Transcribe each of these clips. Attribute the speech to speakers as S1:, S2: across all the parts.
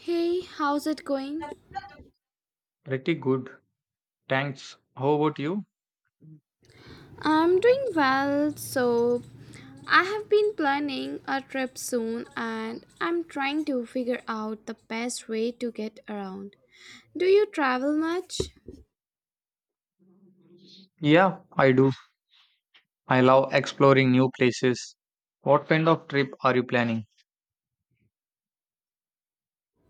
S1: Hey, how's it going?
S2: Pretty good. Thanks. How about you?
S1: I'm doing well. So, I have been planning a trip soon and I'm trying to figure out the best way to get around. Do you travel much?
S2: Yeah, I do. I love exploring new places. What kind of trip are you planning?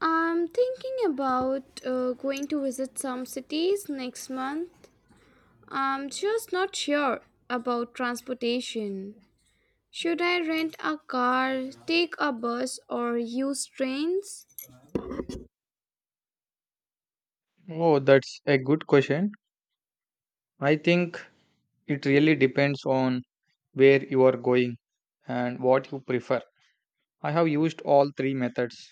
S1: I'm thinking about going to visit some cities next month. I'm just not sure about transportation. Should I rent a car, take a bus, or use trains?
S2: Oh, that's a good question. I think it really depends on where you are going and what you prefer. I have used all three methods.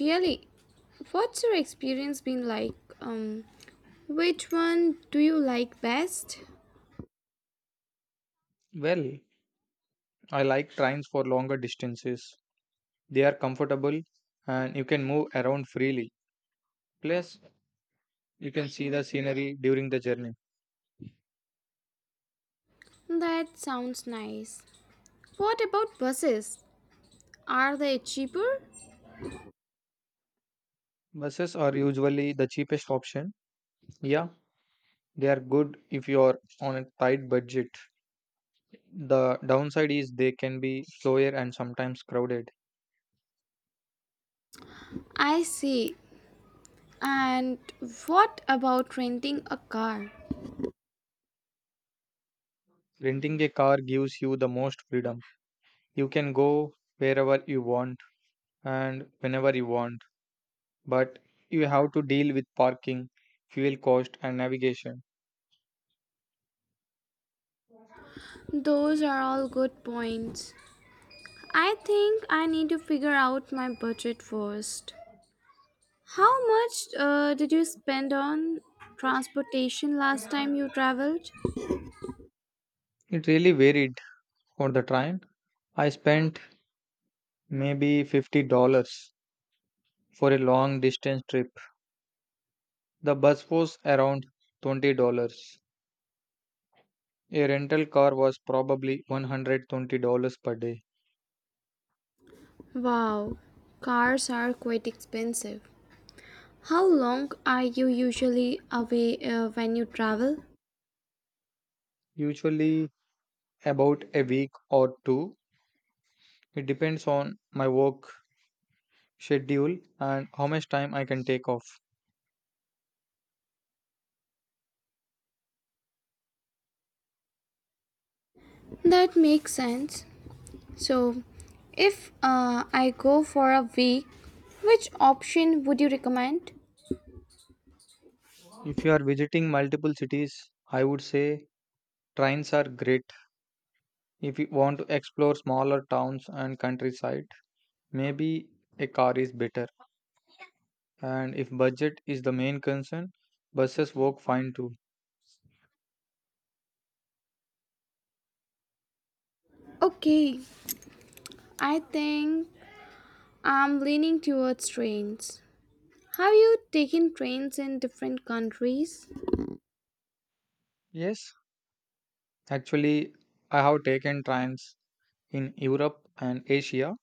S1: Really, what's your experience been like? Which one do you like best?
S2: Well, I like trains for longer distances. They are comfortable and you can move around freely. Plus, you can see the scenery during the journey.
S1: That sounds nice. What about buses? Are they cheaper?
S2: Buses are usually the cheapest option. Yeah, they are good if you are on a tight budget. The downside is they can be slower and sometimes crowded.
S1: I see. And what about renting a car?
S2: Renting a car gives you the most freedom. You can go wherever you want and whenever you want, but you have to deal with parking, fuel cost, and navigation.
S1: Those are all good points. I think I need to figure out my budget first. How much did you spend on transportation last time you traveled?
S2: It really varied. For the train, I spent maybe $50 dollars for a long distance trip. The bus was around $20. Dollars. A rental car was probably $120 per day,
S1: Wow, cars are quite expensive. How long are you usually away when you travel?
S2: usually about a week or 2. It depends on my work schedule and how much time I can take off.
S1: That makes sense. So, if I go for a week, which option would you recommend?
S2: If you are visiting multiple cities, I would say trains are great. If you want to explore smaller towns and countryside, maybe a car is better. And if budget is the main concern, buses work fine too.
S1: Okay, I think I'm leaning towards trains. Have you taken trains in different countries?
S2: Yes, actually, I have taken trains in Europe and Asia.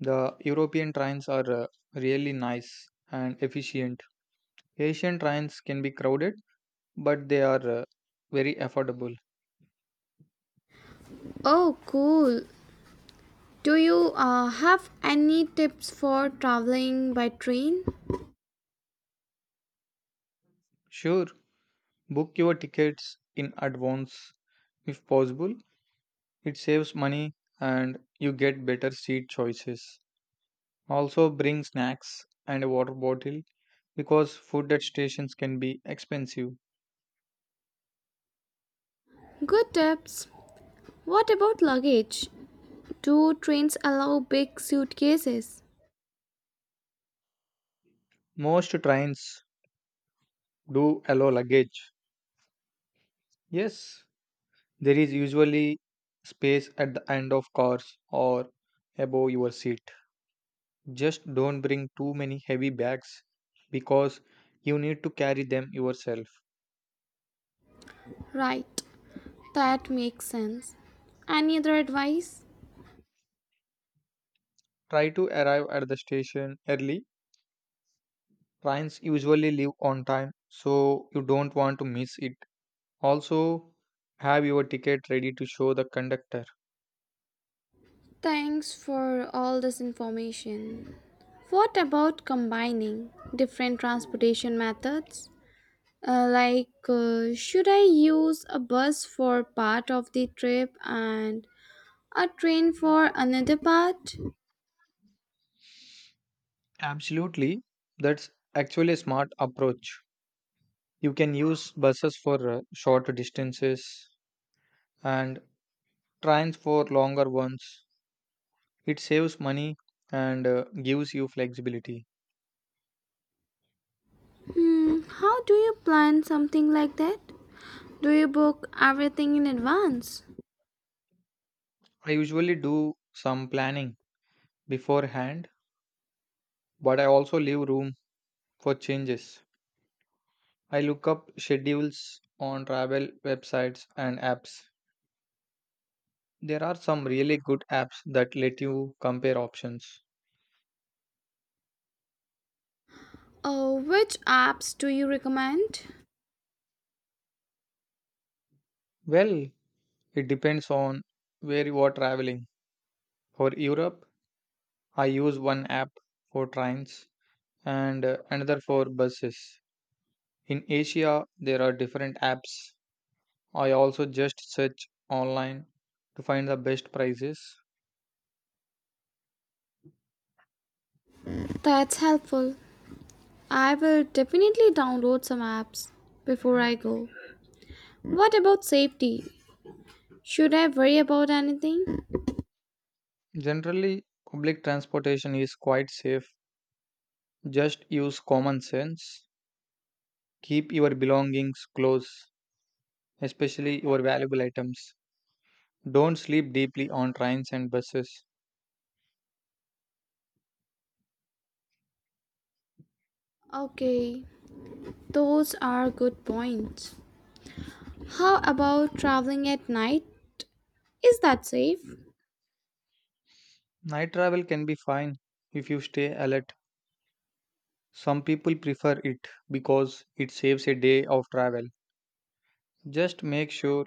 S2: The European trains are really nice and efficient. Asian trains can be crowded, but they are very affordable.
S1: Oh, cool. Do you have any tips for traveling by train?
S2: Sure, book your tickets in advance if possible. It saves money and you get better seat choices. Also, bring snacks and a water bottle because food at stations can be expensive.
S1: Good tips. What about luggage? Do trains allow big suitcases?
S2: Most trains do allow luggage. Yes, there is usually space at the end of cars or above your seat. Just don't bring too many heavy bags because you need to carry them yourself.
S1: Right, that makes sense. Any other advice?
S2: Try to arrive at the station early. Trains usually leave on time, so you don't want to miss it. Also, have your ticket ready to show the conductor.
S1: Thanks for all this information. What about combining different transportation methods? Should I use a bus for part of the trip and a train for another part?
S2: Absolutely, that's actually a smart approach. You can use buses for short distances and trains for longer ones. It saves money and gives you flexibility.
S1: Hmm, how do you plan something like that? Do you book everything in advance?
S2: I usually do some planning beforehand, but I also leave room for changes. I look up schedules on travel websites and apps. There are some really good apps that let you compare options.
S1: Oh, which apps do you recommend?
S2: Well, it depends on where you are traveling. For Europe, I use one app for trains and another for buses. In Asia, there are different apps. I also just search online to find the best prices.
S1: That's helpful. I will definitely download some apps before I go. What about safety? Should I worry about anything?
S2: Generally, public transportation is quite safe. Just use common sense. Keep your belongings close, especially your valuable items. Don't sleep deeply on trains and buses.
S1: Okay, those are good points. How about traveling at night? Is that safe?
S2: Night travel can be fine if you stay alert. Some people prefer it because it saves a day of travel. Just make sure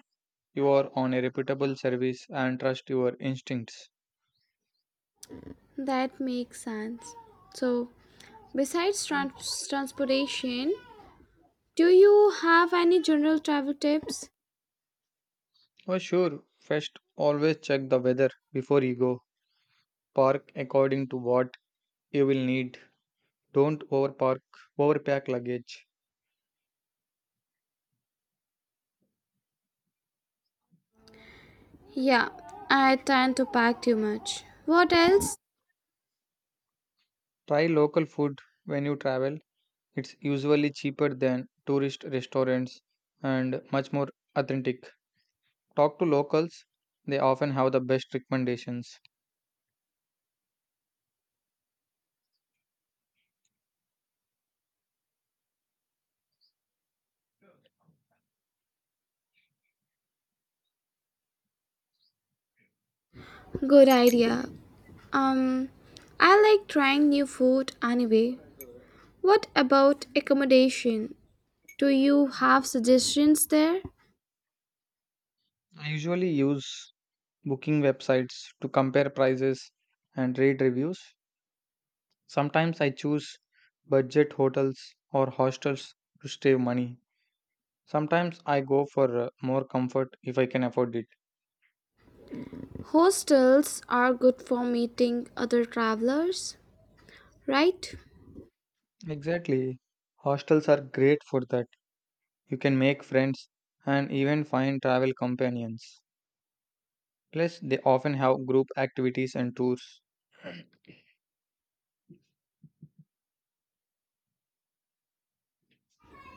S2: you are on a reputable service and trust your instincts.
S1: That makes sense. So, besides transportation, do you have any general travel tips?
S2: For sure, first always check the weather before you go. Park according to what you will need. Don't overpark, overpack luggage.
S1: Yeah, I tend to pack too much. What else?
S2: Try local food when you travel. It's usually cheaper than tourist restaurants and much more authentic. Talk to locals, they often have the best recommendations.
S1: Good idea. Um, I like trying new food anyway. What about accommodation? Do you have suggestions there?
S2: I usually use booking websites to compare prices and read reviews. Sometimes I choose budget hotels or hostels to save money. Sometimes I go for more comfort if I can afford it.
S1: Hostels are good for meeting other travelers, right?
S2: Exactly. Hostels are great for that. You can make friends and even find travel companions. Plus, they often have group activities and tours.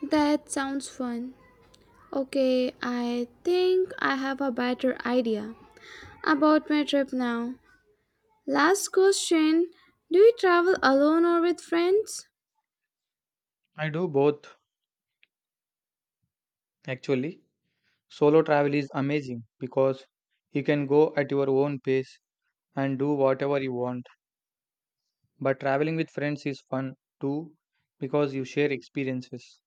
S1: That sounds fun. Okay, I think I have a better idea about my trip now. Last question: do you travel alone or with friends?
S2: I do both, actually. Solo travel is amazing because you can go at your own pace and do whatever you want. But traveling with friends is fun too because you share experiences.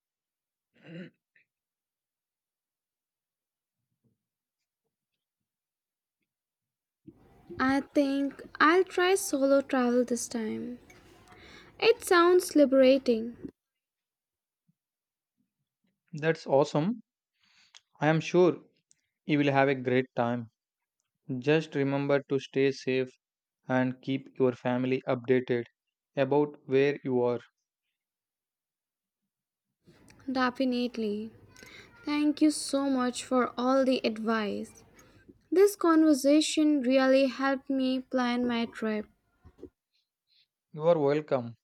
S1: I think I'll try solo travel this time. It sounds liberating,
S2: That's awesome. I am sure you will have a great time. Just remember to stay safe and keep your family updated about where you are.
S1: definitely. Thank you so much for all the advice. This conversation really helped me plan my trip.
S2: You are welcome.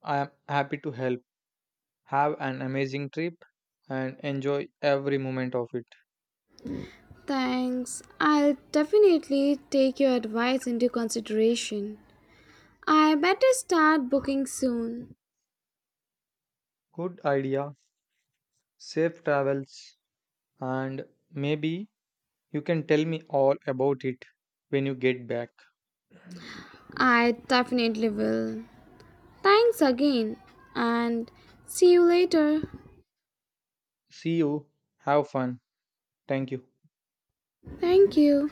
S2: I am happy to help. Have an amazing trip and enjoy every moment of it.
S1: Thanks. I'll definitely take your advice into consideration. I better start booking soon.
S2: Good idea. Safe travels and maybe you can tell me all about it when you get back.
S1: I definitely will. Thanks again and see you later.
S2: See you. Have fun. Thank you.
S1: Thank you.